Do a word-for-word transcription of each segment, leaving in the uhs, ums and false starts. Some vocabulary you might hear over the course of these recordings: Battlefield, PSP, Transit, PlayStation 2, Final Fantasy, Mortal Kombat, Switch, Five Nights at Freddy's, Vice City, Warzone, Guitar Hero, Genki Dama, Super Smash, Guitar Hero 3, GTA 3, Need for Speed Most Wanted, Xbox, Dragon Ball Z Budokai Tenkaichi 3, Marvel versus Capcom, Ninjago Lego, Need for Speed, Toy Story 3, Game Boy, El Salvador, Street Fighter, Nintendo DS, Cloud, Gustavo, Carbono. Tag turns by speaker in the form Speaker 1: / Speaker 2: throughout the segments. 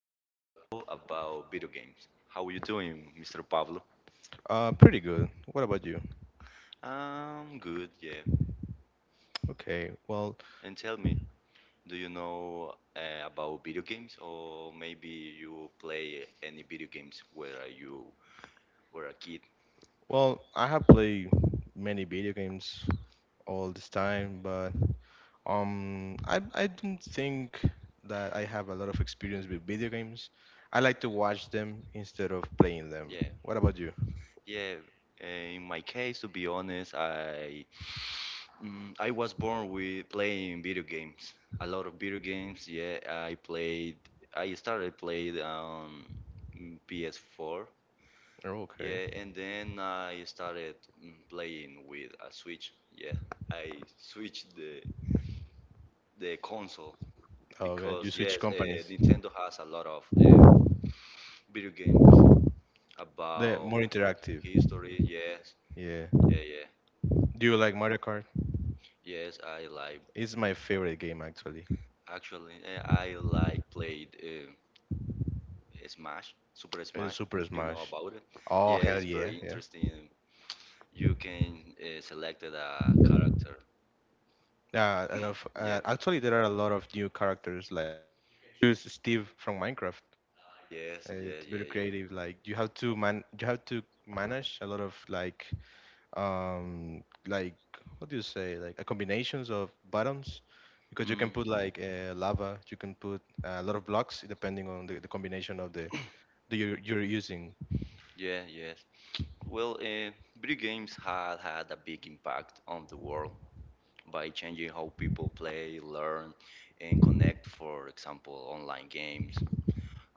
Speaker 1: Pablo and Gustavo about video games. How are you doing, Mister Pablo?
Speaker 2: Uh, pretty good. What about you?
Speaker 1: Um, good, yeah.
Speaker 2: Okay. Well,
Speaker 1: And tell me, do you know uh, about video games, or maybe you play any video games where you were a kid?
Speaker 2: well, I have played many video games all this time, but um, I I don't think that I have a lot of experience with video games. I like to watch them instead of playing them.
Speaker 1: Yeah.
Speaker 2: What about you?
Speaker 1: Yeah, uh, in my case, to be honest, I mm, I was born with playing video games, a lot of video games. Yeah, I played. I started played on um, P S four.
Speaker 2: Oh, okay.
Speaker 1: Yeah, and then I started mm, playing with a Switch. Yeah, I switched the the console
Speaker 2: Oh, okay. You
Speaker 1: because
Speaker 2: switch
Speaker 1: yes, uh,
Speaker 2: companies.
Speaker 1: Nintendo has a lot of uh, video game
Speaker 2: They're
Speaker 1: about
Speaker 2: more interactive.
Speaker 1: history. Yes,
Speaker 2: Yeah.
Speaker 1: yeah, yeah.
Speaker 2: Do you like Mario Kart?
Speaker 1: Yes, I like.
Speaker 2: It's my favorite game, actually.
Speaker 1: Actually, eh, I like played uh, Smash, Super
Speaker 2: It's
Speaker 1: Smash.
Speaker 2: Super
Speaker 1: You know
Speaker 2: Smash.
Speaker 1: about it?
Speaker 2: Oh
Speaker 1: Yeah,
Speaker 2: hell
Speaker 1: it's
Speaker 2: yeah,
Speaker 1: very
Speaker 2: yeah.
Speaker 1: interesting. You can uh, select a character.
Speaker 2: Yeah. And of- uh,
Speaker 1: Yeah.
Speaker 2: actually, there are a lot of new characters, like, use Steve from Minecraft.
Speaker 1: Yes.
Speaker 2: Uh,
Speaker 1: Yeah.
Speaker 2: It's very
Speaker 1: Yeah. Yeah.
Speaker 2: creative. Like you have to man, you have to manage a lot of, like, um, like what do you say? Like a combinations of buttons, because you can
Speaker 1: Mm.
Speaker 2: put like uh, lava. You can put a lot of blocks depending on the, the combination of the the you're, you're using.
Speaker 1: Yeah, yes. Well, uh, video games had had a big impact on the world by changing how people play, learn, and connect. For example, online games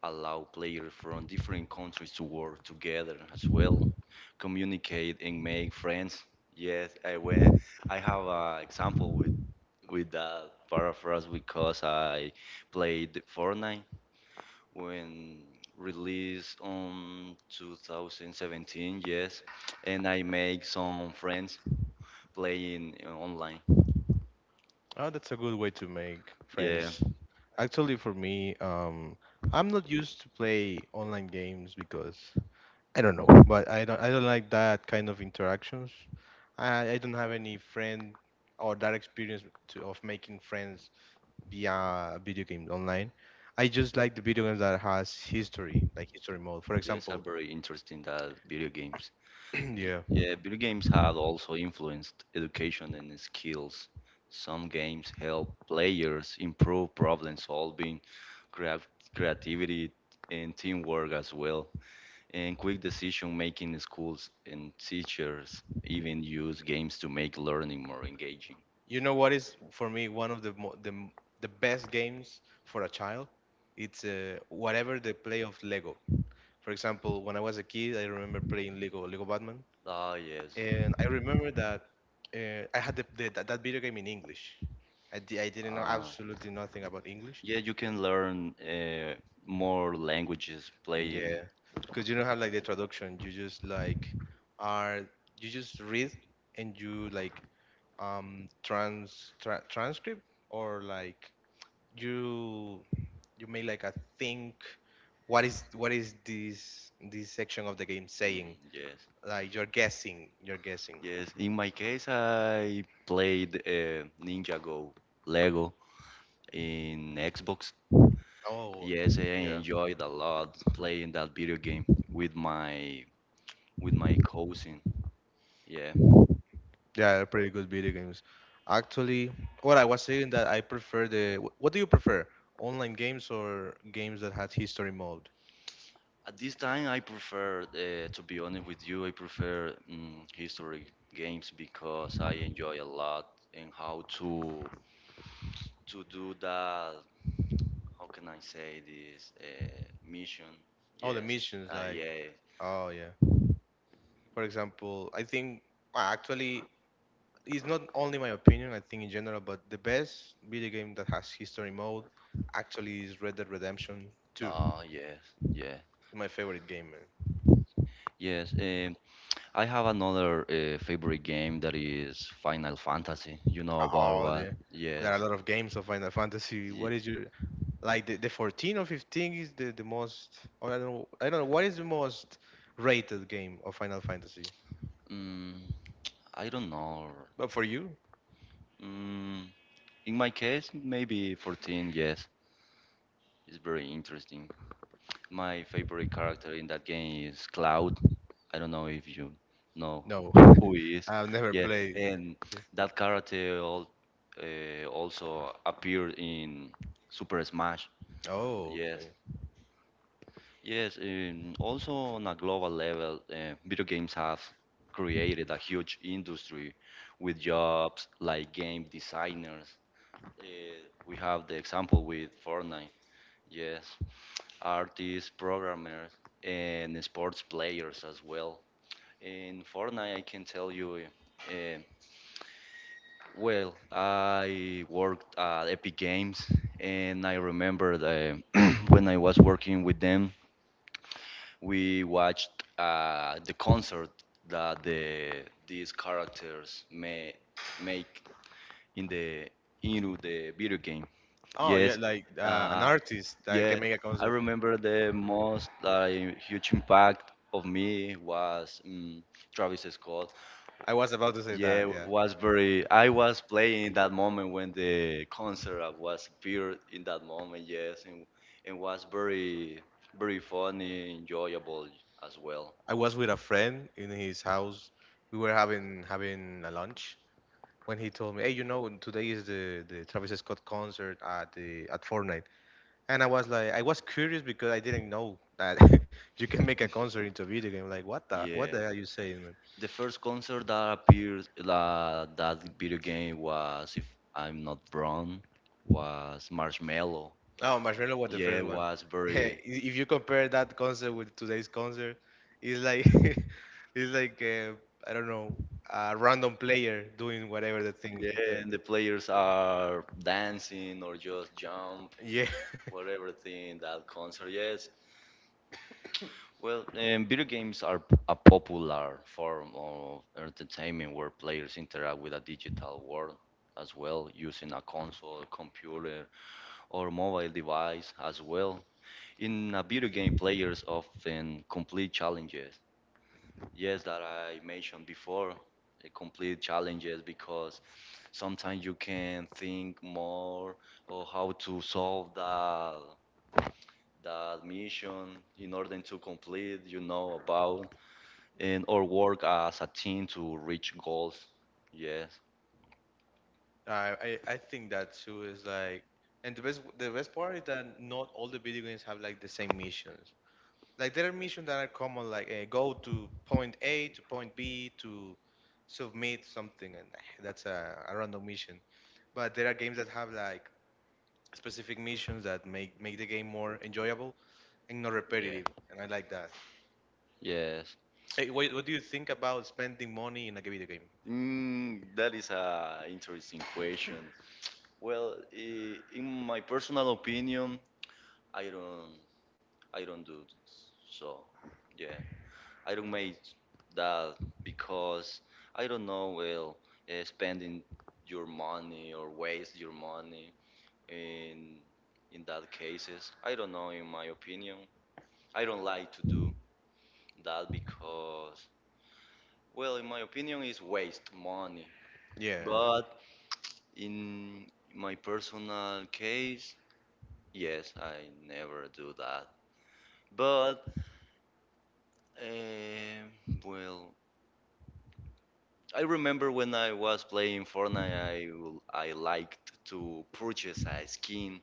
Speaker 1: allow players from different countries to work together as well, communicate and make friends. Yes, I went. I have an example with with that paraphrase because I played Fortnite when released on twenty seventeen. Yes, and I make some friends playing online.
Speaker 2: Oh, that's a good way to make
Speaker 1: Yeah,
Speaker 2: friends. Actually, for me, um, I'm not used to play online games because I don't know, but I don't I don't like that kind of interactions. I I don't have any friend or that experience to, of making friends via video games online. I just like the video games that has history, like history mode. For
Speaker 1: yes, are
Speaker 2: example,
Speaker 1: very interesting that video games. Y-
Speaker 2: yeah,
Speaker 1: Yeah, video games have also influenced education and skills. Some games help players improve problem solving, crea- creativity, and teamwork as well, and quick decision making. In schools, and teachers even use games to make learning more engaging.
Speaker 2: you know what is for me one of the mo- the m- the best games for a child? It's uh, whatever they play of Lego. For example, when I was a kid, I remember playing Lego Lego Batman.
Speaker 1: Ah, yes.
Speaker 2: And I remember that uh, I had the, the, that, that video game in English. I, di- I didn't know
Speaker 1: Ah,
Speaker 2: absolutely nothing about English.
Speaker 1: yeah, you can learn uh, more languages
Speaker 2: Yeah,
Speaker 1: playing.
Speaker 2: because you don't have like the traduction. You just like are you just read and you like um trans tra transcript, or like you you may like a think what is what is this this section of the game
Speaker 1: Mm,
Speaker 2: saying?
Speaker 1: yes.
Speaker 2: Like you're guessing, you're guessing.
Speaker 1: Yes, in my case, I played uh, Ninjago Lego in Xbox.
Speaker 2: Oh,
Speaker 1: Yes, I enjoyed a lot playing that video game with my with my cousin. Yeah.
Speaker 2: yeah, pretty good video games. Actually, what I was saying that I prefer the. wh- what do you prefer? Online games or games that had history mode?
Speaker 1: At this time, I prefer, uh, to be honest with you, I prefer mm history games because I enjoy a lot. And how to to do that. How can I say this uh, mission?
Speaker 2: Oh, the
Speaker 1: Yes.
Speaker 2: missions,
Speaker 1: Uh,
Speaker 2: like.
Speaker 1: yeah.
Speaker 2: Oh, yeah. For example, I think. well, actually, it's not only my opinion, I think in general, but the best video game that has history mode actually is Red Dead Redemption two.
Speaker 1: Oh, yes. Yeah.
Speaker 2: My favorite game, man.
Speaker 1: Yes, um, I have another uh, favorite game that is Final Fantasy. You know about
Speaker 2: Oh,
Speaker 1: what?
Speaker 2: the, there are a
Speaker 1: Yes.
Speaker 2: lot of games of Final Fantasy.
Speaker 1: Ye-
Speaker 2: What is your. Like the, the fourteen or fifteen is the, the most, or I don't know, I don't know what is the most rated game of Final Fantasy.
Speaker 1: Mm, I don't know.
Speaker 2: But for you?
Speaker 1: Mm, in my case, maybe fourteen, yes. It's very interesting. My favorite character in that game is Cloud. I don't know if you know
Speaker 2: No.
Speaker 1: who he is.
Speaker 2: I've never
Speaker 1: Yeah,
Speaker 2: played.
Speaker 1: and that character al- uh, also appeared in Super Smash.
Speaker 2: Oh,
Speaker 1: Yes.
Speaker 2: okay.
Speaker 1: Yes, um, also on a global level, uh, video games have created a huge industry with jobs like game designers. Uh, we have the example with Fortnite, yes, artists, programmers, and sports players as well. In Fortnite, I can tell you, uh, well, I worked at Epic Games, and I remember the, when I was working with them we watched uh, the concert that the these characters may make in the into the video game.
Speaker 2: Oh, yeah,
Speaker 1: Yes,
Speaker 2: like uh, an
Speaker 1: uh,
Speaker 2: artist that
Speaker 1: yeah,
Speaker 2: can make a
Speaker 1: I
Speaker 2: concert.
Speaker 1: remember the most uh, huge impact of me was um, Travis Scott.
Speaker 2: I was about to say that,
Speaker 1: Yeah,
Speaker 2: yeah.
Speaker 1: was very. I was playing in that moment when the concert uh, was appeared in that moment. Yes, and and was very, very funny, enjoyable as well.
Speaker 2: I was with a friend in his house. We were having having a lunch when he told me, "Hey, you know, today is the the Travis Scott concert at the at Fortnite." And I was like, I was curious because I didn't know that you can make a concert into a video game. Like, what the, what the
Speaker 1: Yeah.
Speaker 2: hell are you saying, man?
Speaker 1: The first concert that appeared uh, that video game was, if I'm not wrong, was Marshmallow.
Speaker 2: Oh, Marshmello was the
Speaker 1: Yeah,
Speaker 2: first
Speaker 1: it
Speaker 2: one.
Speaker 1: was very.
Speaker 2: If you compare that concert with today's concert, it's like, it's like uh, I don't know, a random player doing whatever the thing
Speaker 1: Yeah,
Speaker 2: there.
Speaker 1: and the players are dancing or just jump,
Speaker 2: Yeah,
Speaker 1: whatever thing that concert. Yes. Well, um, video games are p- a popular form of entertainment where players interact with a digital world as well, using a console, computer, or mobile device as well. In a video game, players often complete challenges. Yes, that I mentioned before, uh, complete challenges because sometimes you can think more or how to solve that that mission in order to complete, you know, about and or work as a team to reach goals. Yes.
Speaker 2: I, I I think that too is like, and the best the best part is that not all the video games have like the same missions. Like there are missions that are common, like uh, go to point a to point b to submit something, and that's a, a random mission, but there are games that have like specific missions that make make the game more enjoyable and not
Speaker 1: Yeah.
Speaker 2: repetitive, and I like that.
Speaker 1: Yes.
Speaker 2: Hey, what, what do you think about spending money in a video game?
Speaker 1: Mm, that is a interesting question. Well, i- in my personal opinion, I don't I don't do this. So yeah, I don't make that because I don't know well uh, spending your money or waste your money in in that cases. I don't know. In my opinion, I don't like to do that because well, in my opinion is waste money.
Speaker 2: Yeah.
Speaker 1: But in my personal case, yes, I never do that. But um, well, I remember when I was playing Fortnite, I will- I liked to purchase a skin,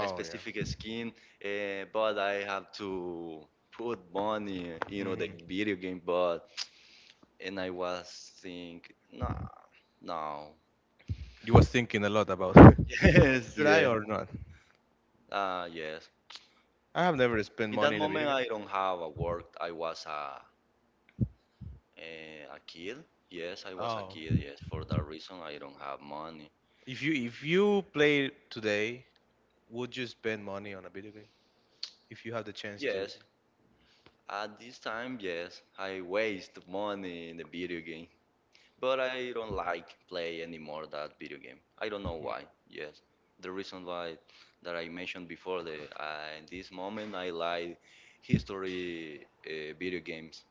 Speaker 1: a specific
Speaker 2: yeah.
Speaker 1: skin, uh, but I have to put money, you know, the
Speaker 2: Hmm.
Speaker 1: video game. But and I was think, nah, no,
Speaker 2: You was thinking a lot about
Speaker 1: yes,
Speaker 2: should I
Speaker 1: yeah,
Speaker 2: or not.
Speaker 1: ah, yes.
Speaker 2: I have never spent
Speaker 1: In that
Speaker 2: money in a video
Speaker 1: moment,
Speaker 2: game.
Speaker 1: I don't have a work. I was a eh, a kid. Yes, I was a
Speaker 2: Oh,
Speaker 1: kid. Yes, for that reason, I don't have money.
Speaker 2: if you if you play today, would you spend money on a video game if you have the chance to?
Speaker 1: Yes. At this time, yes, I waste money in the video game, but I don't like play anymore that video game. I don't know
Speaker 2: Mm.
Speaker 1: why. Yes, the reason why that I mentioned before, the uh, in this moment I like history uh, video games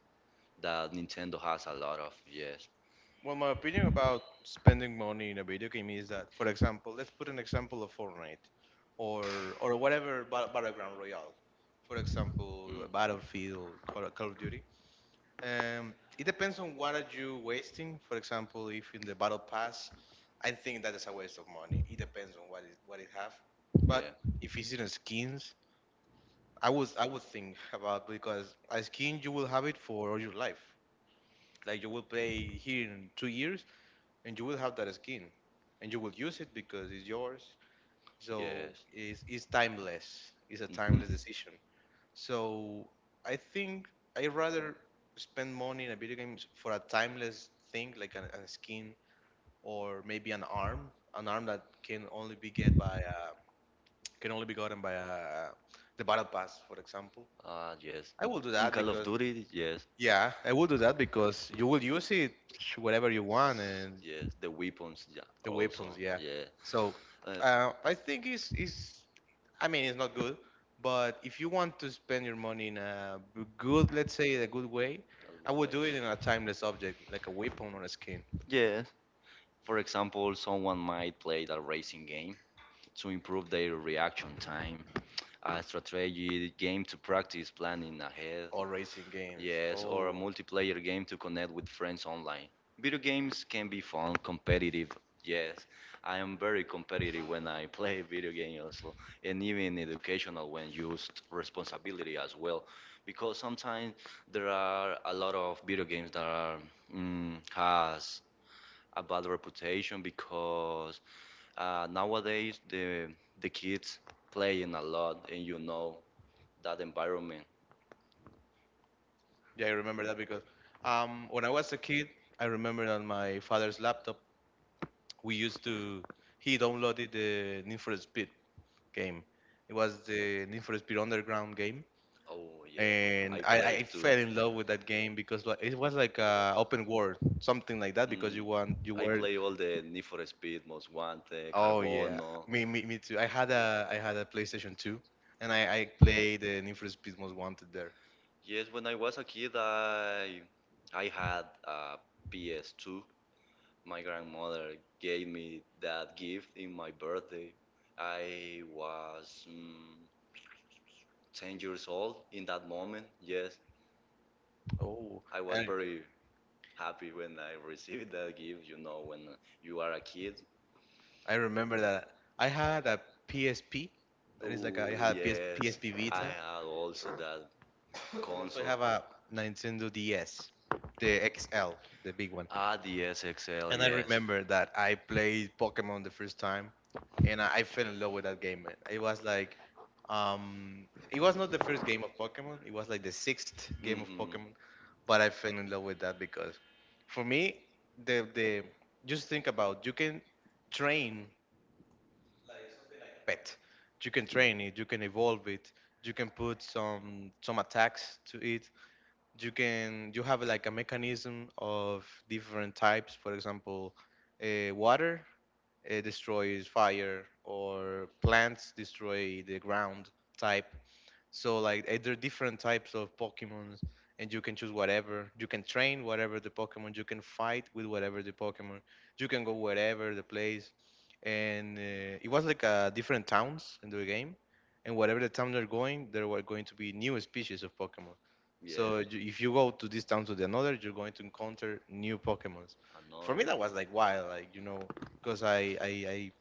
Speaker 1: that Nintendo has a lot of. Yes,
Speaker 2: Well, my opinion about spending money in a video game is that, for example, let's put an example of Fortnite, or or whatever ba- battleground royale, for
Speaker 1: mm,
Speaker 2: example, Battlefield, Call Call of Duty. Um, it depends on what are you wasting. For example, if in the battle pass, I think that is a waste of money. It depends on what it what it have. But
Speaker 1: yeah,
Speaker 2: if it's in skins, I was I would think about, because as skin you will have it for all your life. Like you will play here in two years and you will have that skin, and you will use it because it's yours. So
Speaker 1: yes.
Speaker 2: it's, it's timeless. It's a
Speaker 1: Mhm.
Speaker 2: timeless decision. So I think I rather spend money in a video game for a timeless thing like an, a skin, or maybe an arm, an arm that can only be get by uh, can only be gotten by uh, the battle pass, for example.
Speaker 1: Ah, yes.
Speaker 2: I will do
Speaker 1: In
Speaker 2: that
Speaker 1: Call of
Speaker 2: because
Speaker 1: Duty, yes.
Speaker 2: Yeah, I will do that because you will use it whatever you want, and
Speaker 1: Yes, the weapons, yeah,
Speaker 2: the
Speaker 1: also,
Speaker 2: weapons, yeah.
Speaker 1: yeah.
Speaker 2: So
Speaker 1: Uh,
Speaker 2: uh, I think it's, it's, I mean, it's not good, but if you want to spend your money in a b- good, let's say, a good way, I
Speaker 1: that's one
Speaker 2: would do it in a
Speaker 1: way.
Speaker 2: timeless object like a weapon or a skin
Speaker 1: Yeah, for example, someone might play the racing game to improve their reaction time, a strategy game to practice planning ahead,
Speaker 2: or racing games.
Speaker 1: yes, or a
Speaker 2: Oh,
Speaker 1: multiplayer game to connect with friends online. Video games can be fun, competitive. Yes, I am very competitive when I play video games also, and even educational when used responsibility as well, because sometimes there are a lot of video games that are mm, has a bad reputation because uh, nowadays the the kids playing a lot, and you know that environment.
Speaker 2: yeah, I remember that because um, when I was a kid, I remember on my father's laptop, we used to, he downloaded the Need for Speed game. It was the Need for Speed Underground game,
Speaker 1: Oh yeah, I
Speaker 2: and I,
Speaker 1: play
Speaker 2: I
Speaker 1: too.
Speaker 2: fell in love with that game because li- it was like a open world, something like that.
Speaker 1: Mm,
Speaker 2: Because you want you
Speaker 1: I
Speaker 2: were
Speaker 1: play all the Need for Speed, Most Wanted,
Speaker 2: oh yeah,
Speaker 1: Carbono.
Speaker 2: me me me too. I had a I had a PlayStation two, and I I played the Need for Speed Most Wanted there.
Speaker 1: Yes, when I was a kid, I I had a P S two. My grandmother gave me that gift in my birthday. I was mm, ten years old in that moment. Yes,
Speaker 2: Oh,
Speaker 1: I was
Speaker 2: and
Speaker 1: very happy when I received that gift. You know, when you are a kid.
Speaker 2: I remember that I had a P S P. That is like a, I
Speaker 1: Oh
Speaker 2: had a
Speaker 1: yes,
Speaker 2: P S P
Speaker 1: I
Speaker 2: Vita,
Speaker 1: had also that
Speaker 2: and also I
Speaker 1: console.
Speaker 2: have a Nintendo D S, the X L, the big one.
Speaker 1: Ah, the S X L,
Speaker 2: And I
Speaker 1: yes.
Speaker 2: remember that I played Pokemon the first time, and I, I fell in love with that game. Man, it was like, um, it was not the first game of Pokemon. It was like the sixth game of
Speaker 1: Mm-hmm.
Speaker 2: Pokemon, but I fell in love with that because, for me, the the just think about you can train pet, you can train it, you can evolve it, you can put some some attacks to it. You can you have like a mechanism of different types. For example, uh, water uh, destroys fire, or plants destroy the ground type, so like eh, there are different types of Pokemons, and you can choose whatever. You can train whatever the Pokemon. You can fight with whatever the Pokemon. You can go wherever the place. And uh, it was like uh, different towns in the game, and whatever the town they're going, there were going to be new species of Pokemon.
Speaker 1: Yeah.
Speaker 2: So you, if you go to this town to the another, you're going to encounter new Pokemons. For
Speaker 1: Another
Speaker 2: me,
Speaker 1: one.
Speaker 2: that was like wild, like you know, because I I I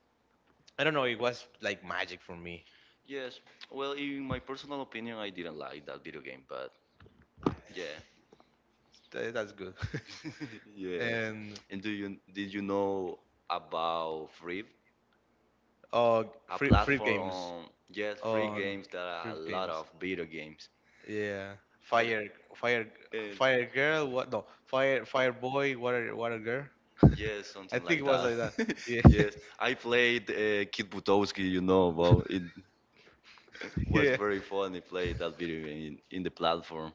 Speaker 2: I don't know, it was like magic for me.
Speaker 1: Yes. Well, in my personal opinion, I didn't like that video game, but yeah.
Speaker 2: Th- That's good.
Speaker 1: Yes.
Speaker 2: and
Speaker 1: And do you did you know about Free,
Speaker 2: Uh,
Speaker 1: a
Speaker 2: free free
Speaker 1: platform
Speaker 2: games
Speaker 1: on yes, free
Speaker 2: on
Speaker 1: games that are a
Speaker 2: free
Speaker 1: lot
Speaker 2: games.
Speaker 1: of video games?
Speaker 2: Yeah,
Speaker 1: I,
Speaker 2: fire fire
Speaker 1: and,
Speaker 2: fire girl. What no fire fire boy. Water water girl.
Speaker 1: yes,
Speaker 2: I
Speaker 1: something
Speaker 2: think it
Speaker 1: like
Speaker 2: was
Speaker 1: that.
Speaker 2: like that. Yeah,
Speaker 1: Yes, I played uh, Kid Butowski, you know, well, it was
Speaker 2: yeah,
Speaker 1: very fun. I played that video in, in the platform.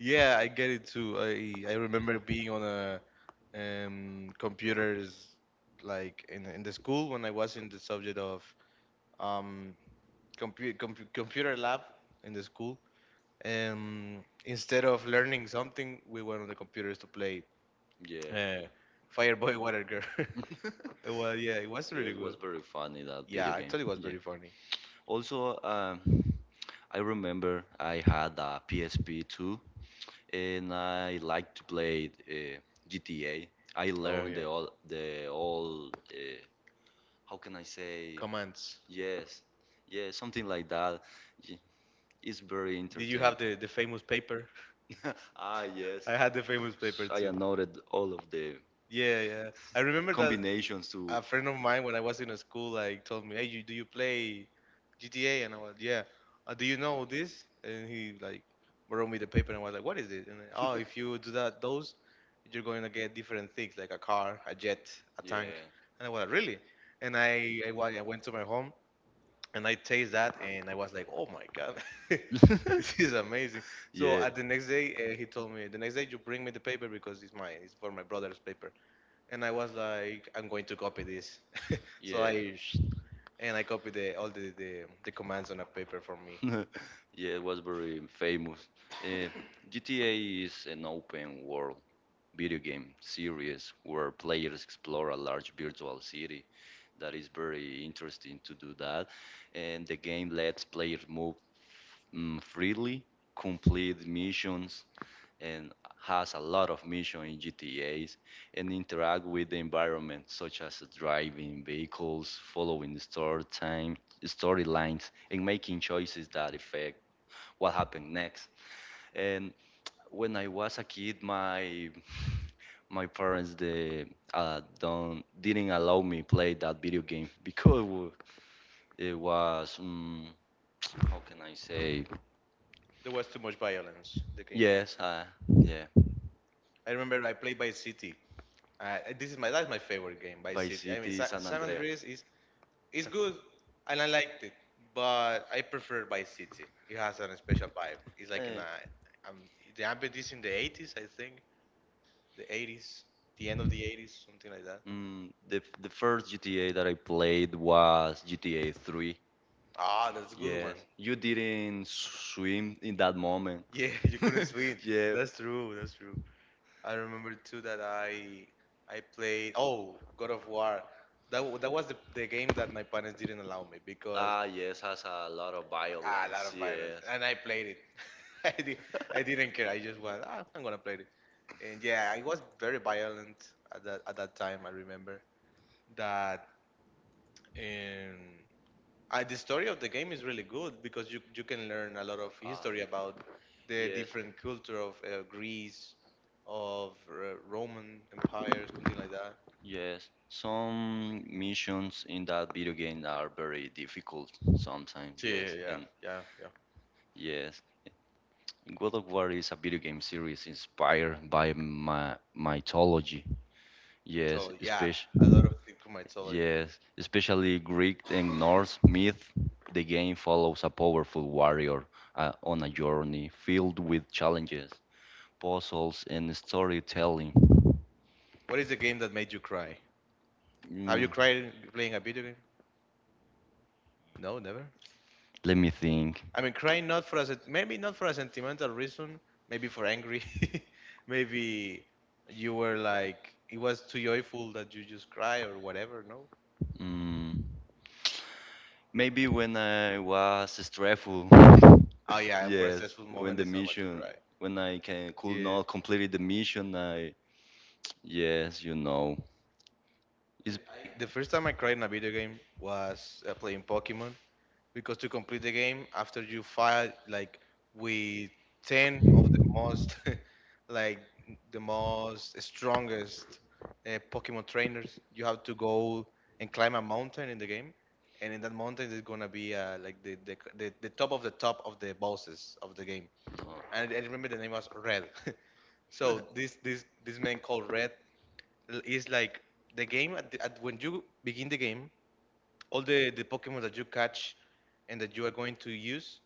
Speaker 2: yeah. I get it too. I I remember being on a um computers like in in the school when I was in the subject of um computer compu computer lab in the school. Um, instead of learning something, we went on the computers to play
Speaker 1: Yeah.
Speaker 2: uh, Fireboy Water Girl. Well, yeah, it was
Speaker 1: Yeah,
Speaker 2: really
Speaker 1: it was
Speaker 2: good.
Speaker 1: very funny that
Speaker 2: Yeah,
Speaker 1: video game.
Speaker 2: actually, it was
Speaker 1: Yeah.
Speaker 2: very funny.
Speaker 1: Also, um, I remember I had a P S P too, and I liked to play uh, G T A. I
Speaker 2: Oh
Speaker 1: learned
Speaker 2: yeah,
Speaker 1: the all the all uh, how can I say?
Speaker 2: commands.
Speaker 1: Yes, yeah, something like that. It's very
Speaker 2: Did you
Speaker 1: entertaining.
Speaker 2: have the the famous paper?
Speaker 1: Ah, yes.
Speaker 2: I had the famous paper
Speaker 1: I
Speaker 2: too.
Speaker 1: noted all of the
Speaker 2: Yeah, yeah. I remember that
Speaker 1: combinations to.
Speaker 2: a friend of mine when I was in a school like told me, "Hey, you, do you play G T A?" And I was, "Yeah." Uh, do you know this? And he like borrowed me the paper, and I was like, "What is it?" And oh, if you do that, those you're going to get different things like a car, a jet, a tank.
Speaker 1: Yeah,
Speaker 2: And I was like, "Really?" And I I, wa- I went to my home and I taste that, and I was like, "Oh my god." This is amazing. So
Speaker 1: yeah,
Speaker 2: at the next day, uh, he told me the next day you bring me the paper because it's mine. It's for my brother's paper, and I was like, I'm going to copy this. so
Speaker 1: yeah.
Speaker 2: I sh- and I copied the, all the, the the commands on a paper for me.
Speaker 1: Yeah, it was very famous. Uh, G T A is an open world video game series where players explore a large virtual city. That is very interesting to do that. And the game lets players move mm, freely, complete missions, and has a lot of missions in G T As, and interact with the environment, such as driving vehicles, following story time, storylines, and making choices that affect what happened next. And when I was a kid, my my parents they uh, don't didn't allow me play that video game because it was um, how can I say?
Speaker 2: There was too much violence. The game. Was.
Speaker 1: Yes, uh, yeah.
Speaker 2: I remember I played by City. Uh, this is my That's my favorite game by
Speaker 1: Vice
Speaker 2: City. I mean,
Speaker 1: City,
Speaker 2: Sa-
Speaker 1: San
Speaker 2: San
Speaker 1: Andreas.
Speaker 2: Andreas is is
Speaker 1: Sa-
Speaker 2: good, and I liked it, but I prefer by City. It has a special vibe. It's like in
Speaker 1: Eh,
Speaker 2: a um, the ambient is in the eighties, I think. The eighties, the end of the eighties, something like that.
Speaker 1: mm, the the first G T A that I played was G T A three.
Speaker 2: Ah, that's a good one.
Speaker 1: Yes, you didn't swim in that moment.
Speaker 2: Yeah, you couldn't swim.
Speaker 1: Yeah,
Speaker 2: That's true. That's true. I remember too that I I played, oh, God of War. That wa- that was the, the game that my parents didn't allow me because
Speaker 1: ah, yes, has a lot of
Speaker 2: ah, a lot
Speaker 1: violence,
Speaker 2: of violence,
Speaker 1: yes.
Speaker 2: and I played it. I did, I didn't care. I just went. Ah, I'm gonna play it. And yeah, it was very violent at that at that time. I remember that. Um, uh, the story of the game is really good because you you can learn a lot of
Speaker 1: Ah,
Speaker 2: history about the
Speaker 1: yes.
Speaker 2: different culture of uh, Greece, of uh, Roman Empire, something like that.
Speaker 1: Yes, some missions in that video game are very difficult sometimes, yes.
Speaker 2: Yeah, yeah,
Speaker 1: And
Speaker 2: yeah, yeah.
Speaker 1: yes, God of War is a video game series inspired by my mythology. Yes,
Speaker 2: Mythology. Yeah, a lot
Speaker 1: especially
Speaker 2: of things from mythology.
Speaker 1: yes, especially Greek and Norse myth. The game follows a powerful warrior uh, on a journey filled with challenges, puzzles, and storytelling.
Speaker 2: What is the game that made you cry? Have
Speaker 1: Mm,
Speaker 2: you cried playing a video game? No, never.
Speaker 1: let me think.
Speaker 2: I mean, crying not for a sen- maybe not for a sentimental reason, maybe for angry, maybe you were like it was too joyful that you just cry or whatever. No.
Speaker 1: Mm, maybe when I was stressful.
Speaker 2: Oh yeah, for a
Speaker 1: Yes,
Speaker 2: stressful
Speaker 1: when
Speaker 2: moment,
Speaker 1: the
Speaker 2: it's normal to
Speaker 1: mission,
Speaker 2: cry.
Speaker 1: when I can, could
Speaker 2: Yeah.
Speaker 1: not complete the mission, I yes, you know. It's,
Speaker 2: The first time I cried in a video game was uh, playing Pokemon because to complete the game after you fight like with ten of the most like the most strongest uh, Pokemon trainers, you have to go and climb a mountain in the game, and in that mountain there's gonna be uh, like the, the the the top of the top of the bosses of the game. And I
Speaker 1: uh,
Speaker 2: remember the name was Red. So this this this man called Red l- is like the game. At, the, at when you begin the game, all the the Pokemon that you catch and that you are going to use,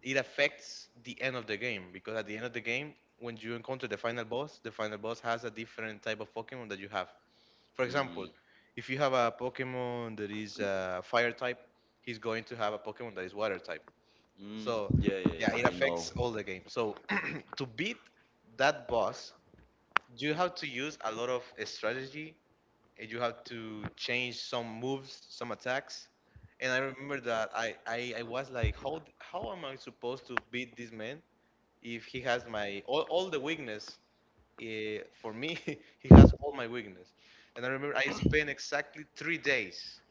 Speaker 2: it affects the end of the game. Because at the end of the game, when you encounter the final boss, the final boss has a different type of Pokemon that you have. For example,
Speaker 1: mm,
Speaker 2: if you have a Pokemon that is uh, fire type, he's going to have a Pokemon that is water type.
Speaker 1: mm,
Speaker 2: So
Speaker 1: yeah, yeah,
Speaker 2: yeah,
Speaker 1: yeah,
Speaker 2: it
Speaker 1: I know.
Speaker 2: affects all the game. So to beat that boss you have to use a lot of strategy and you have to change some moves, some attacks. And I remember that I, I, I was like, how d- how am I supposed to beat this man if he has my all, all the weakness? Uh, for me, he has all my weakness. And I remember I spent exactly three days.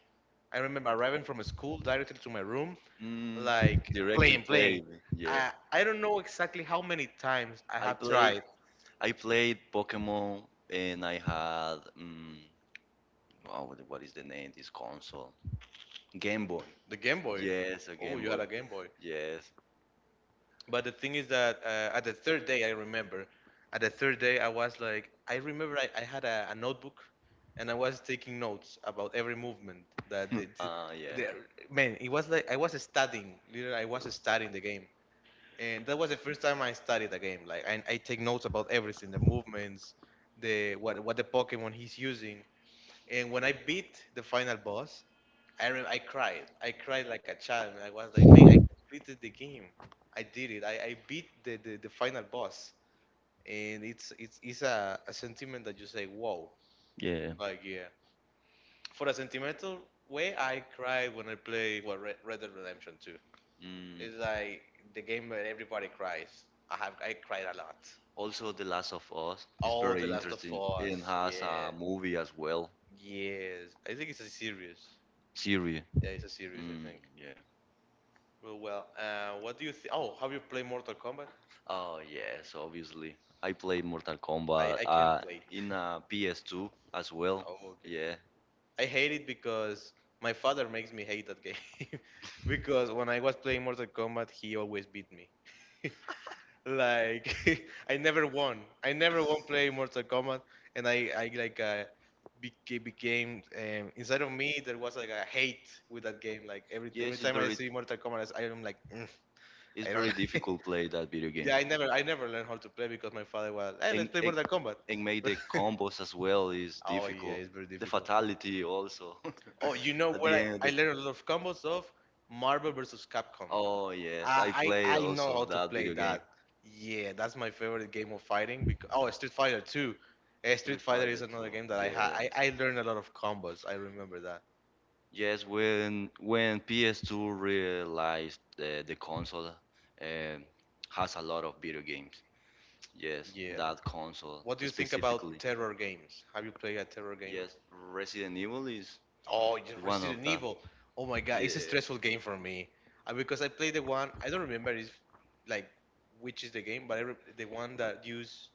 Speaker 2: I remember arriving from school directly to my room,
Speaker 1: Mm,
Speaker 2: like
Speaker 1: directly
Speaker 2: playing, playing.
Speaker 1: played. Yeah,
Speaker 2: I, I don't know exactly how many times I
Speaker 1: I
Speaker 2: have
Speaker 1: play.
Speaker 2: tried
Speaker 1: I played Pokemon, and I had um, oh, what what is the name? This console, Game Boy.
Speaker 2: the Game Boy.
Speaker 1: Yes, a
Speaker 2: Oh,
Speaker 1: Game
Speaker 2: you
Speaker 1: Boy.
Speaker 2: had a Game Boy.
Speaker 1: Yes.
Speaker 2: But the thing is that uh, at the third day, I remember, at the third day, I was like, I remember I, I had a, a notebook and I was taking notes about every movement that the, the,
Speaker 1: Ah, yeah.
Speaker 2: the man. It was like I was studying, literally, I was studying the game. And that was the first time I studied the game. Like, I, I take notes about everything, the movements, the what what the Pokemon he's using. And when I beat the final boss, I rem- I cried. I cried like a child, man. I was like, man, I completed the game. I did it. I, I beat the, the, the final boss. And it's it's, it's a, a sentiment that you say, wow.
Speaker 1: Yeah.
Speaker 2: Like, yeah. For a sentimental way, I cried when I play, well, Red, Red Dead Redemption two.
Speaker 1: Mm.
Speaker 2: It's like the game where everybody cries. I have I cried a lot.
Speaker 1: Also, The Last of Us is
Speaker 2: All The
Speaker 1: very
Speaker 2: Last of
Speaker 1: interesting and
Speaker 2: Us.
Speaker 1: has
Speaker 2: Yeah.
Speaker 1: a movie as well,
Speaker 2: Yes. I think it's a series.
Speaker 1: series.
Speaker 2: Yeah, it's a series, I
Speaker 1: Mm,
Speaker 2: think.
Speaker 1: yeah.
Speaker 2: Well, well, uh, what do you think? Oh, have you played Mortal Kombat?
Speaker 1: Oh yes, obviously. I played Mortal
Speaker 2: I,
Speaker 1: Kombat
Speaker 2: I can't
Speaker 1: uh,
Speaker 2: play.
Speaker 1: in uh, P S two as well.
Speaker 2: Oh, okay.
Speaker 1: Yeah.
Speaker 2: I hate it because my father makes me hate that game. Because when I was playing Mortal Kombat, he always beat me. Like, I never won. I never won playing Mortal Kombat, and I I, like, uh, beca- became, um, inside of me there was like a hate with that game. Like every every
Speaker 1: Yes, it's
Speaker 2: time I
Speaker 1: very,
Speaker 2: see Mortal Kombat, I am like, "Mm,
Speaker 1: it's
Speaker 2: I don't
Speaker 1: very
Speaker 2: like."
Speaker 1: difficult play that video game.
Speaker 2: Yeah, I never I never learned how to play because my father was, hey, let's
Speaker 1: And,
Speaker 2: play
Speaker 1: and
Speaker 2: Mortal Kombat.
Speaker 1: and make the combos as well is
Speaker 2: Oh yeah,
Speaker 1: difficult.
Speaker 2: it's very
Speaker 1: The
Speaker 2: difficult.
Speaker 1: fatality also.
Speaker 2: Oh, you know
Speaker 1: At
Speaker 2: what?
Speaker 1: the
Speaker 2: I,
Speaker 1: end of
Speaker 2: I
Speaker 1: the.
Speaker 2: learned a lot of combos of Marvel versus Capcom.
Speaker 1: Oh yes, I
Speaker 2: I
Speaker 1: play
Speaker 2: I I know how
Speaker 1: also
Speaker 2: to
Speaker 1: that
Speaker 2: play
Speaker 1: video game.
Speaker 2: that. Yeah, that's my favorite game of fighting. Because, oh, Street Fighter too. Eh, Street
Speaker 1: Street
Speaker 2: Fighter is
Speaker 1: Fighter two.
Speaker 2: another game that I had.
Speaker 1: Yeah.
Speaker 2: I, I learned a lot of combos. I remember that.
Speaker 1: Yes, when when P S two realized uh, the console uh, has a lot of video games. Yes,
Speaker 2: Yeah.
Speaker 1: that console
Speaker 2: What do you think about
Speaker 1: specifically.
Speaker 2: terror games? Have you played a terror game?
Speaker 1: Yes, Resident Evil is
Speaker 2: Oh, yeah,
Speaker 1: one of
Speaker 2: Resident
Speaker 1: that.
Speaker 2: Evil. Oh my god,
Speaker 1: Yeah.
Speaker 2: it's a stressful game for me. Uh, because I played the one, I don't remember if, like, which is the game, but I re the one that use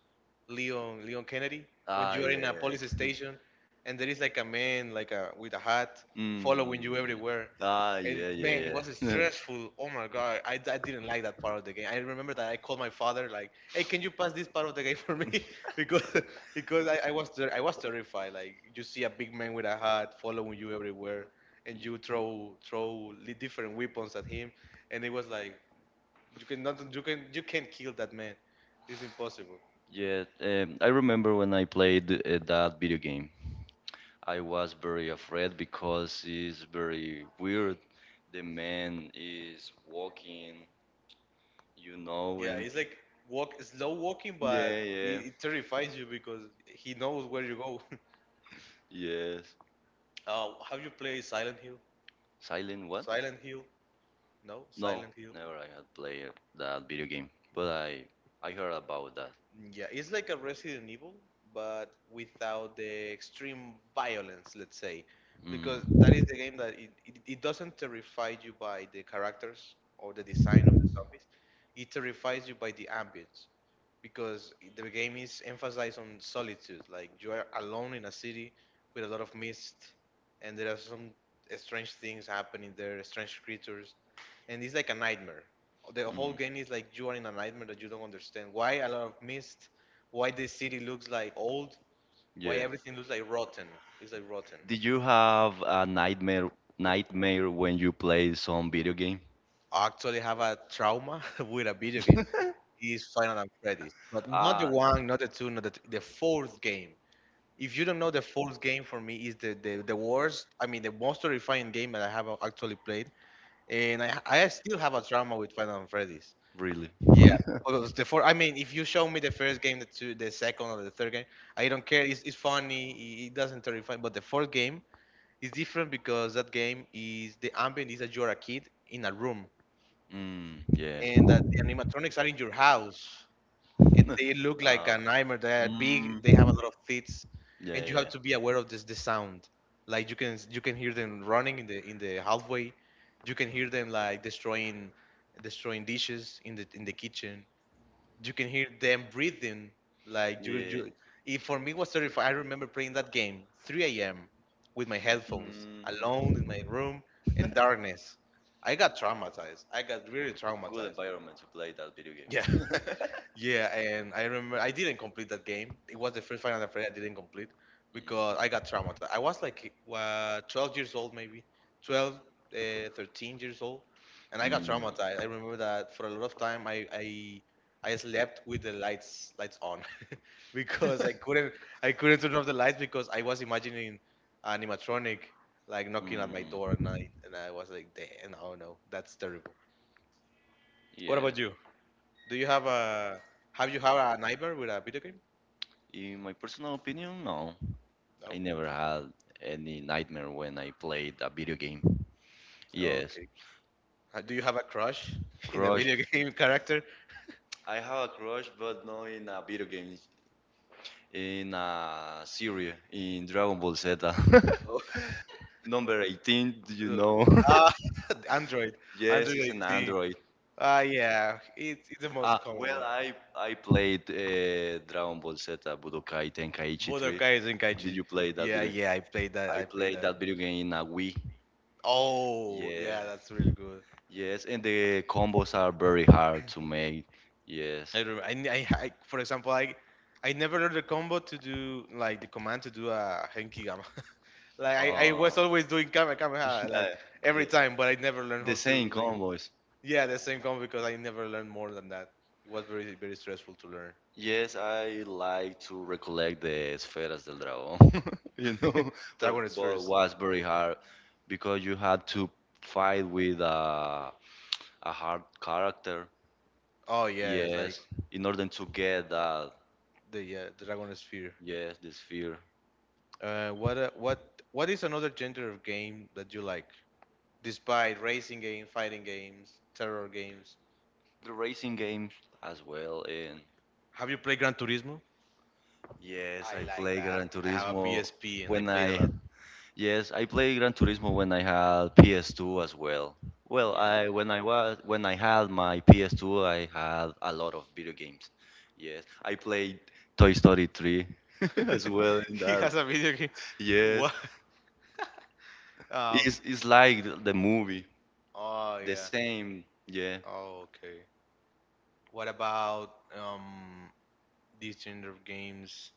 Speaker 2: Leon Leon Kennedy, when
Speaker 1: Ah,
Speaker 2: you are in a
Speaker 1: yeah.
Speaker 2: police station and there is like a man, like a, with a hat following you
Speaker 1: Mm.
Speaker 2: everywhere.
Speaker 1: Ah, yeah,
Speaker 2: It, man, it
Speaker 1: yeah,
Speaker 2: was
Speaker 1: yeah.
Speaker 2: stressful. Oh my god, I, I didn't like that part of the game. I remember that I called my father like, "Hey, can you pass this part of the game for me?" Because because I, I was ter- I was terrified. Like, you see a big man with a hat following you everywhere, and you throw throw li- different weapons at him, and it was like you cannot you can you can't kill that man. It's impossible.
Speaker 1: Yeah, um, I remember when I played uh, that video game. I was very afraid because it's very weird. The man is walking, you know,
Speaker 2: Yeah,
Speaker 1: and
Speaker 2: it's like walk, slow walking,
Speaker 1: yeah,
Speaker 2: but it,
Speaker 1: yeah,
Speaker 2: it terrifies you because he knows where you go.
Speaker 1: yes.
Speaker 2: Uh, have you played Silent Hill?
Speaker 1: Silent what?
Speaker 2: Silent Hill. No,
Speaker 1: No,
Speaker 2: Silent Hill.
Speaker 1: never. I had played that video game, but I I heard about that.
Speaker 2: Yeah, it's like a Resident Evil, but without the extreme violence, let's say.
Speaker 1: Mm.
Speaker 2: Because that is the game that it, it, it doesn't terrify you by the characters or the design of the zombies. It terrifies you by the ambience. Because the game is emphasized on solitude. Like, you are alone in a city with a lot of mist, and there are some strange things happening there, strange creatures, and it's like a nightmare. The
Speaker 1: Mm.
Speaker 2: whole game is like you are in a nightmare that you don't understand. Why a lot of mist? Why the city looks like old? Why
Speaker 1: Yeah.
Speaker 2: everything looks like rotten? It's like rotten.
Speaker 1: Did you have a nightmare nightmare when you play some video game?
Speaker 2: I actually have a trauma with a video game. Is Final Freddy's, but not the
Speaker 1: Uh,
Speaker 2: one, not the two, not the th- the fourth game. If you don't know, the fourth game for me is the, the, the worst. I mean, the most terrifying game that I have actually played, and I I still have a trauma with Final Freddy's.
Speaker 1: really?
Speaker 2: Yeah, because the four. I mean, if you show me the first game, the two, the second or the third game, I don't care. It's, it's funny. i- It doesn't terrify. But the fourth game is different because that game is, the ambient is that you're a kid in a room
Speaker 1: Mm, yeah.
Speaker 2: and that the animatronics are in your house and they look like
Speaker 1: uh,
Speaker 2: a nightmare. They're big.
Speaker 1: mm,
Speaker 2: They have a lot of teeth,
Speaker 1: yeah,
Speaker 2: and you have
Speaker 1: yeah,
Speaker 2: to be aware of this, the sound. Like, you can you can hear them running in the in the halfway. You can hear them like destroying destroying dishes in the in the kitchen. You can hear them breathing. Like you,
Speaker 1: yeah.
Speaker 2: you. It for me was terrifying. I remember playing that game three a m with my headphones,
Speaker 1: Mm.
Speaker 2: alone in my room in darkness. I got traumatized. I got really
Speaker 1: Good
Speaker 2: traumatized.
Speaker 1: environment to play that video
Speaker 2: Yeah.
Speaker 1: game.
Speaker 2: Yeah, and I remember I didn't complete that game. It was the first Final Fantasy I didn't complete because I got traumatized. I was like uh, twelve years old, maybe twelve, uh, thirteen years old, and I got
Speaker 1: Mm,
Speaker 2: traumatized. I remember that for a lot of time I I, I slept with the lights lights on because I couldn't I couldn't turn off the lights because I was imagining animatronic like knocking at
Speaker 1: mm,
Speaker 2: my door at
Speaker 1: mm.
Speaker 2: night, and I was like, damn, oh no, that's terrible. What
Speaker 1: Yeah,
Speaker 2: about you? Do you have a have you have a neighbor with a video game?
Speaker 1: in my personal opinion, no. I
Speaker 2: No.
Speaker 1: never had any nightmare when I played a video game. Yes,
Speaker 2: Okay. Uh, Do you have a crush in a
Speaker 1: crush.
Speaker 2: video game character?
Speaker 1: I have a crush, but not in a video game, in a series, in Dragon Ball Z.
Speaker 2: Oh,
Speaker 1: Number eighteen, do you know?
Speaker 2: uh, Android,
Speaker 1: Yes,
Speaker 2: Android Yes.
Speaker 1: it's an
Speaker 2: eighteen.
Speaker 1: android.
Speaker 2: Ah, yeah, it's it's the most
Speaker 1: Ah,
Speaker 2: common
Speaker 1: well,
Speaker 2: one.
Speaker 1: I I played uh, Dragon Ball Z Budokai Tenkaichi three.
Speaker 2: Budokai
Speaker 1: Did
Speaker 2: Tenkaichi.
Speaker 1: you play that
Speaker 2: Yeah,
Speaker 1: video?
Speaker 2: yeah, I played that.
Speaker 1: I
Speaker 2: I played
Speaker 1: played
Speaker 2: that.
Speaker 1: that video game in a Wii.
Speaker 2: Oh,
Speaker 1: Yeah.
Speaker 2: yeah, that's really good.
Speaker 1: Yes, and the combos are very hard to make. Yes.
Speaker 2: I remember. I, ne- I, I for example, I I never learned the combo to do like the command to do a Genki. Like I, I
Speaker 1: Uh,
Speaker 2: was always doing Kame Kamehameha
Speaker 1: uh,
Speaker 2: like
Speaker 1: yeah.
Speaker 2: every time, but I never learned
Speaker 1: The
Speaker 2: how to
Speaker 1: same
Speaker 2: like
Speaker 1: combos.
Speaker 2: yeah the same combo because I never learned more than that. It was very very stressful to learn.
Speaker 1: Yes, I like to recollect the Esferas del Dragón, you know,
Speaker 2: Dragon
Speaker 1: but, but
Speaker 2: Spheres.
Speaker 1: was very hard because you had to fight with a, a hard character.
Speaker 2: Oh yeah, it's like
Speaker 1: Yes, in order to get that,
Speaker 2: the yeah Dragon Sphere.
Speaker 1: yes, this fear.
Speaker 2: Uh, what uh, what what is another genre of game that you like? Despite racing games, fighting games, terror games,
Speaker 1: The racing games as well, and
Speaker 2: have you played Gran Turismo?
Speaker 1: yes,
Speaker 2: I
Speaker 1: I
Speaker 2: like
Speaker 1: play
Speaker 2: that.
Speaker 1: Gran
Speaker 2: I have a
Speaker 1: Turismo
Speaker 2: P S P and I
Speaker 1: when
Speaker 2: played a
Speaker 1: I
Speaker 2: lot.
Speaker 1: yes, I play Gran Turismo when I had P S two as well. Well, I when I was when I had my P S two, I had a lot of video games. Yes, I played Toy Story three
Speaker 2: Yeah.
Speaker 1: as well in
Speaker 2: he
Speaker 1: that.
Speaker 2: has a video game.
Speaker 1: Yes,
Speaker 2: What? Um,
Speaker 1: it's it's like the movie,
Speaker 2: oh
Speaker 1: the
Speaker 2: yeah.
Speaker 1: same. Yeah,
Speaker 2: Oh, okay. What about um these gender of games?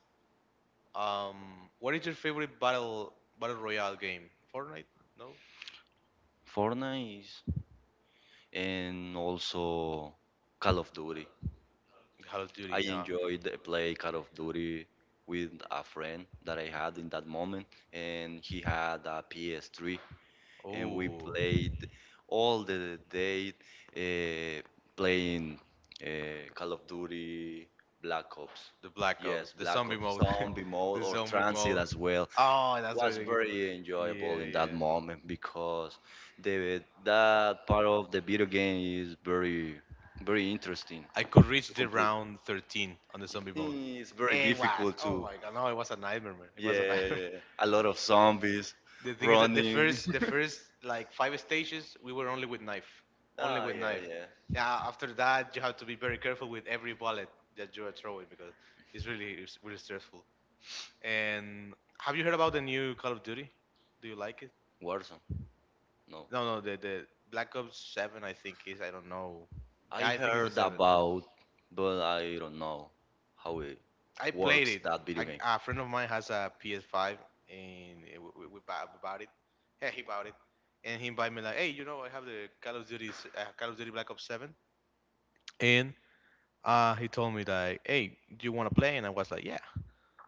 Speaker 2: Um, what is your favorite battle battle royale game? Fortnite? No?
Speaker 1: Fortnite is, and also Call of Duty.
Speaker 2: Call of Duty, yeah.
Speaker 1: I enjoyed play Call of Duty with a friend that I had in that moment, and he had a P S three, and we
Speaker 2: Oh,
Speaker 1: played all the day uh, playing uh, Call of Duty, Black Ops.
Speaker 2: the Black Ops,
Speaker 1: Yes,
Speaker 2: the
Speaker 1: Black
Speaker 2: zombie
Speaker 1: Ops
Speaker 2: mode,
Speaker 1: Zombie mode
Speaker 2: the
Speaker 1: or
Speaker 2: zombie
Speaker 1: Transit
Speaker 2: mode.
Speaker 1: as well
Speaker 2: Oh, that's
Speaker 1: was
Speaker 2: really good.
Speaker 1: very enjoyable
Speaker 2: Yeah,
Speaker 1: in that
Speaker 2: yeah.
Speaker 1: moment because the that part of the video game is very very interesting
Speaker 2: I could
Speaker 1: to
Speaker 2: reach the
Speaker 1: complete.
Speaker 2: round thirteen on the
Speaker 1: Yeah.
Speaker 2: zombie mode.
Speaker 1: It's very
Speaker 2: It was.
Speaker 1: difficult
Speaker 2: Oh
Speaker 1: to
Speaker 2: my god, no, it was a nightmare, man. It was a
Speaker 1: yeah,
Speaker 2: nightmare.
Speaker 1: yeah, a lot of zombies
Speaker 2: The thing is that the
Speaker 1: running.
Speaker 2: first, the first like five stages, we were only with knife, only
Speaker 1: Ah,
Speaker 2: with
Speaker 1: yeah,
Speaker 2: knife.
Speaker 1: yeah.
Speaker 2: Yeah, after that, you have to be very careful with every bullet that you are throwing because it's really, it's really stressful. And have you heard about the new Call of Duty? Do you like it?
Speaker 1: Warzone. No,
Speaker 2: No, no, the the Black Ops Seven, I think is. I don't know.
Speaker 1: I
Speaker 2: I think it's the
Speaker 1: heard
Speaker 2: seven.
Speaker 1: about, but I don't know how it
Speaker 2: I played
Speaker 1: works
Speaker 2: it.
Speaker 1: that video
Speaker 2: I,
Speaker 1: game.
Speaker 2: a friend of mine has a P S five, and eh, we, we, we, bought, we bought it. Yeah, he bought it, and he invited me like, "Hey, you know, I have the Call of Duty, s- uh, Call of Duty Black Ops seven," and uh, he told me like, "Hey, do you want to play?" And I was like, "Yeah."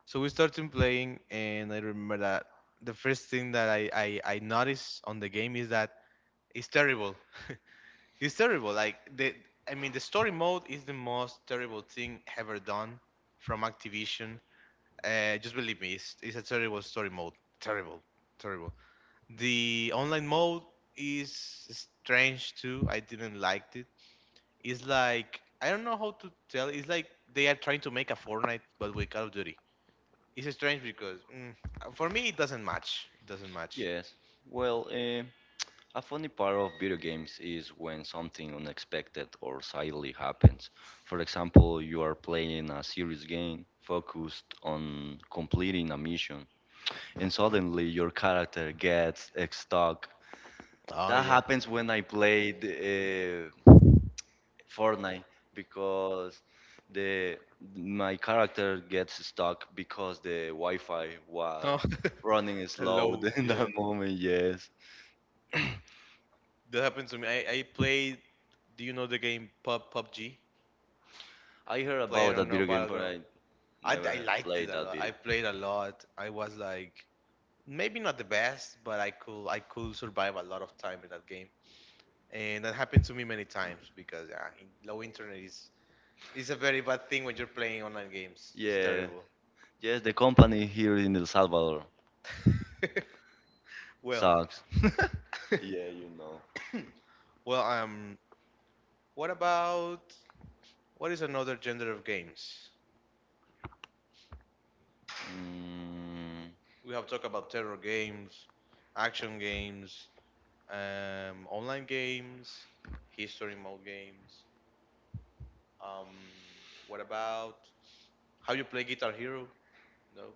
Speaker 2: So we started playing, and I remember that the first thing that I, I, I noticed on the game is that it's terrible. it's terrible. Like the, I mean, the story mode is the most terrible thing ever done from Activision, uh, just believe me, it's, it's a terrible story mode. Terrible, terrible. The online mode is strange too. I didn't like it. It's like I don't know how to tell. It's like they are trying to make a Fortnite but with Call of Duty. It's strange because mm, for me it doesn't match. It doesn't match.
Speaker 1: Yes. Well, eh, a funny part of video games is when something unexpected or silly happens. For example, you are playing a serious game focused on completing a mission, and suddenly your character gets stuck.
Speaker 2: Oh
Speaker 1: That
Speaker 2: yeah.
Speaker 1: happens when I played uh, Fortnite because the my character gets stuck because the Wi-Fi was
Speaker 2: Oh,
Speaker 1: running slow
Speaker 2: hello.
Speaker 1: in that
Speaker 2: Yeah,
Speaker 1: moment. Yes.
Speaker 2: that happened to me. I, I played. Do you know the game Pub P U B G?
Speaker 1: I heard
Speaker 2: Play. I
Speaker 1: about that
Speaker 2: don't know
Speaker 1: video game, but
Speaker 2: Battlegrounds.
Speaker 1: I
Speaker 2: I,
Speaker 1: never
Speaker 2: I
Speaker 1: have
Speaker 2: liked it
Speaker 1: played
Speaker 2: a
Speaker 1: that
Speaker 2: lot.
Speaker 1: video.
Speaker 2: I played a lot. I was like maybe not the best, but I could I could survive a lot of time in that game, and that happened to me many times because yeah, in- low internet is is a very bad thing when you're playing online games. It's
Speaker 1: Yeah,
Speaker 2: terrible.
Speaker 1: yes, the company here in El Salvador
Speaker 2: well,
Speaker 1: sucks. Yeah, you know.
Speaker 2: well, um, what about what is another gender of games?
Speaker 1: Mm,
Speaker 2: We have talked about terror games, action games, um, online games, history mode games. Um, what about how you play Guitar Hero? No,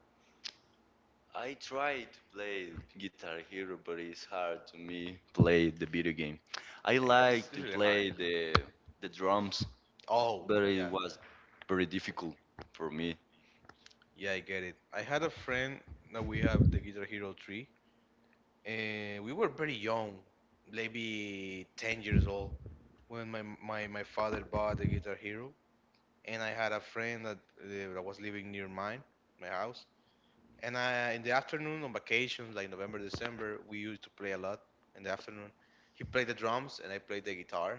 Speaker 1: I try to play Guitar Hero, but it's hard to me play the video game. I
Speaker 2: I- it's
Speaker 1: like to
Speaker 2: really hard.
Speaker 1: play
Speaker 2: Yeah.
Speaker 1: the the drums,
Speaker 2: Oh,
Speaker 1: but
Speaker 2: yeah,
Speaker 1: it was very difficult for me.
Speaker 2: yeah, I get it. I had a friend that we have the Guitar Hero three, and we were very young, maybe ten years old, when my my, my father bought the Guitar Hero, and I had a friend that uh, that was living near mine, my house, and I in the afternoon on vacations, like November, December, we used to play a lot in the afternoon. He played the drums and I played the guitar.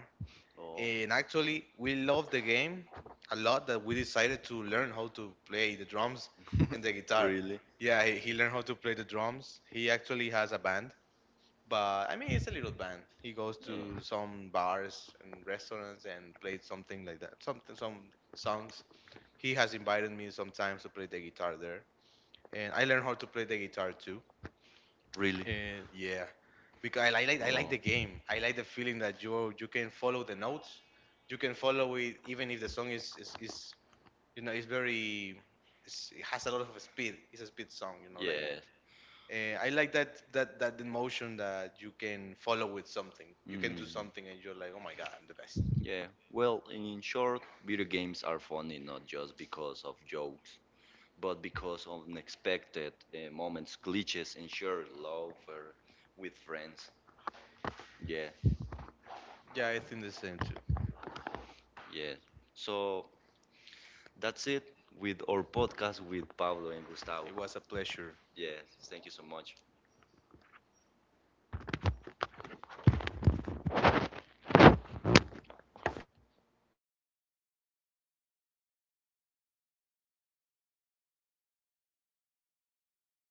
Speaker 1: Oh,
Speaker 2: And actually, we love the game a lot that we decided to learn how to play the drums and the guitar.
Speaker 1: really?
Speaker 2: Yeah, he, he learned how to play the drums. He actually has a band, but I mean, it's a little band. He goes
Speaker 1: Yeah.
Speaker 2: to some bars and restaurants and plays something like that, something, some songs. He has invited me sometimes to play the guitar there. And I learned how to play the guitar too.
Speaker 1: Really?
Speaker 2: And yeah, because I like like- I like the game. I like the feeling that you you can follow the notes. You can follow it even if the song is is, is you know it's very it's, it has a lot of speed. It's a speed song, you know. Like
Speaker 1: Yeah.
Speaker 2: uh, I like that that that emotion that you can follow with something. You can do
Speaker 1: Mm.
Speaker 2: something and you're like, oh my god, I'm the best.
Speaker 1: Yeah. Well, in short, video games are funny not just because of jokes, but because of unexpected uh, moments, glitches, and shared laughter with friends. Yeah,
Speaker 2: Yeah, I think the same too.
Speaker 1: yeah. So that's it with our podcast with Pablo and Gustavo.
Speaker 2: It was a pleasure.
Speaker 1: Yeah, thank you so much.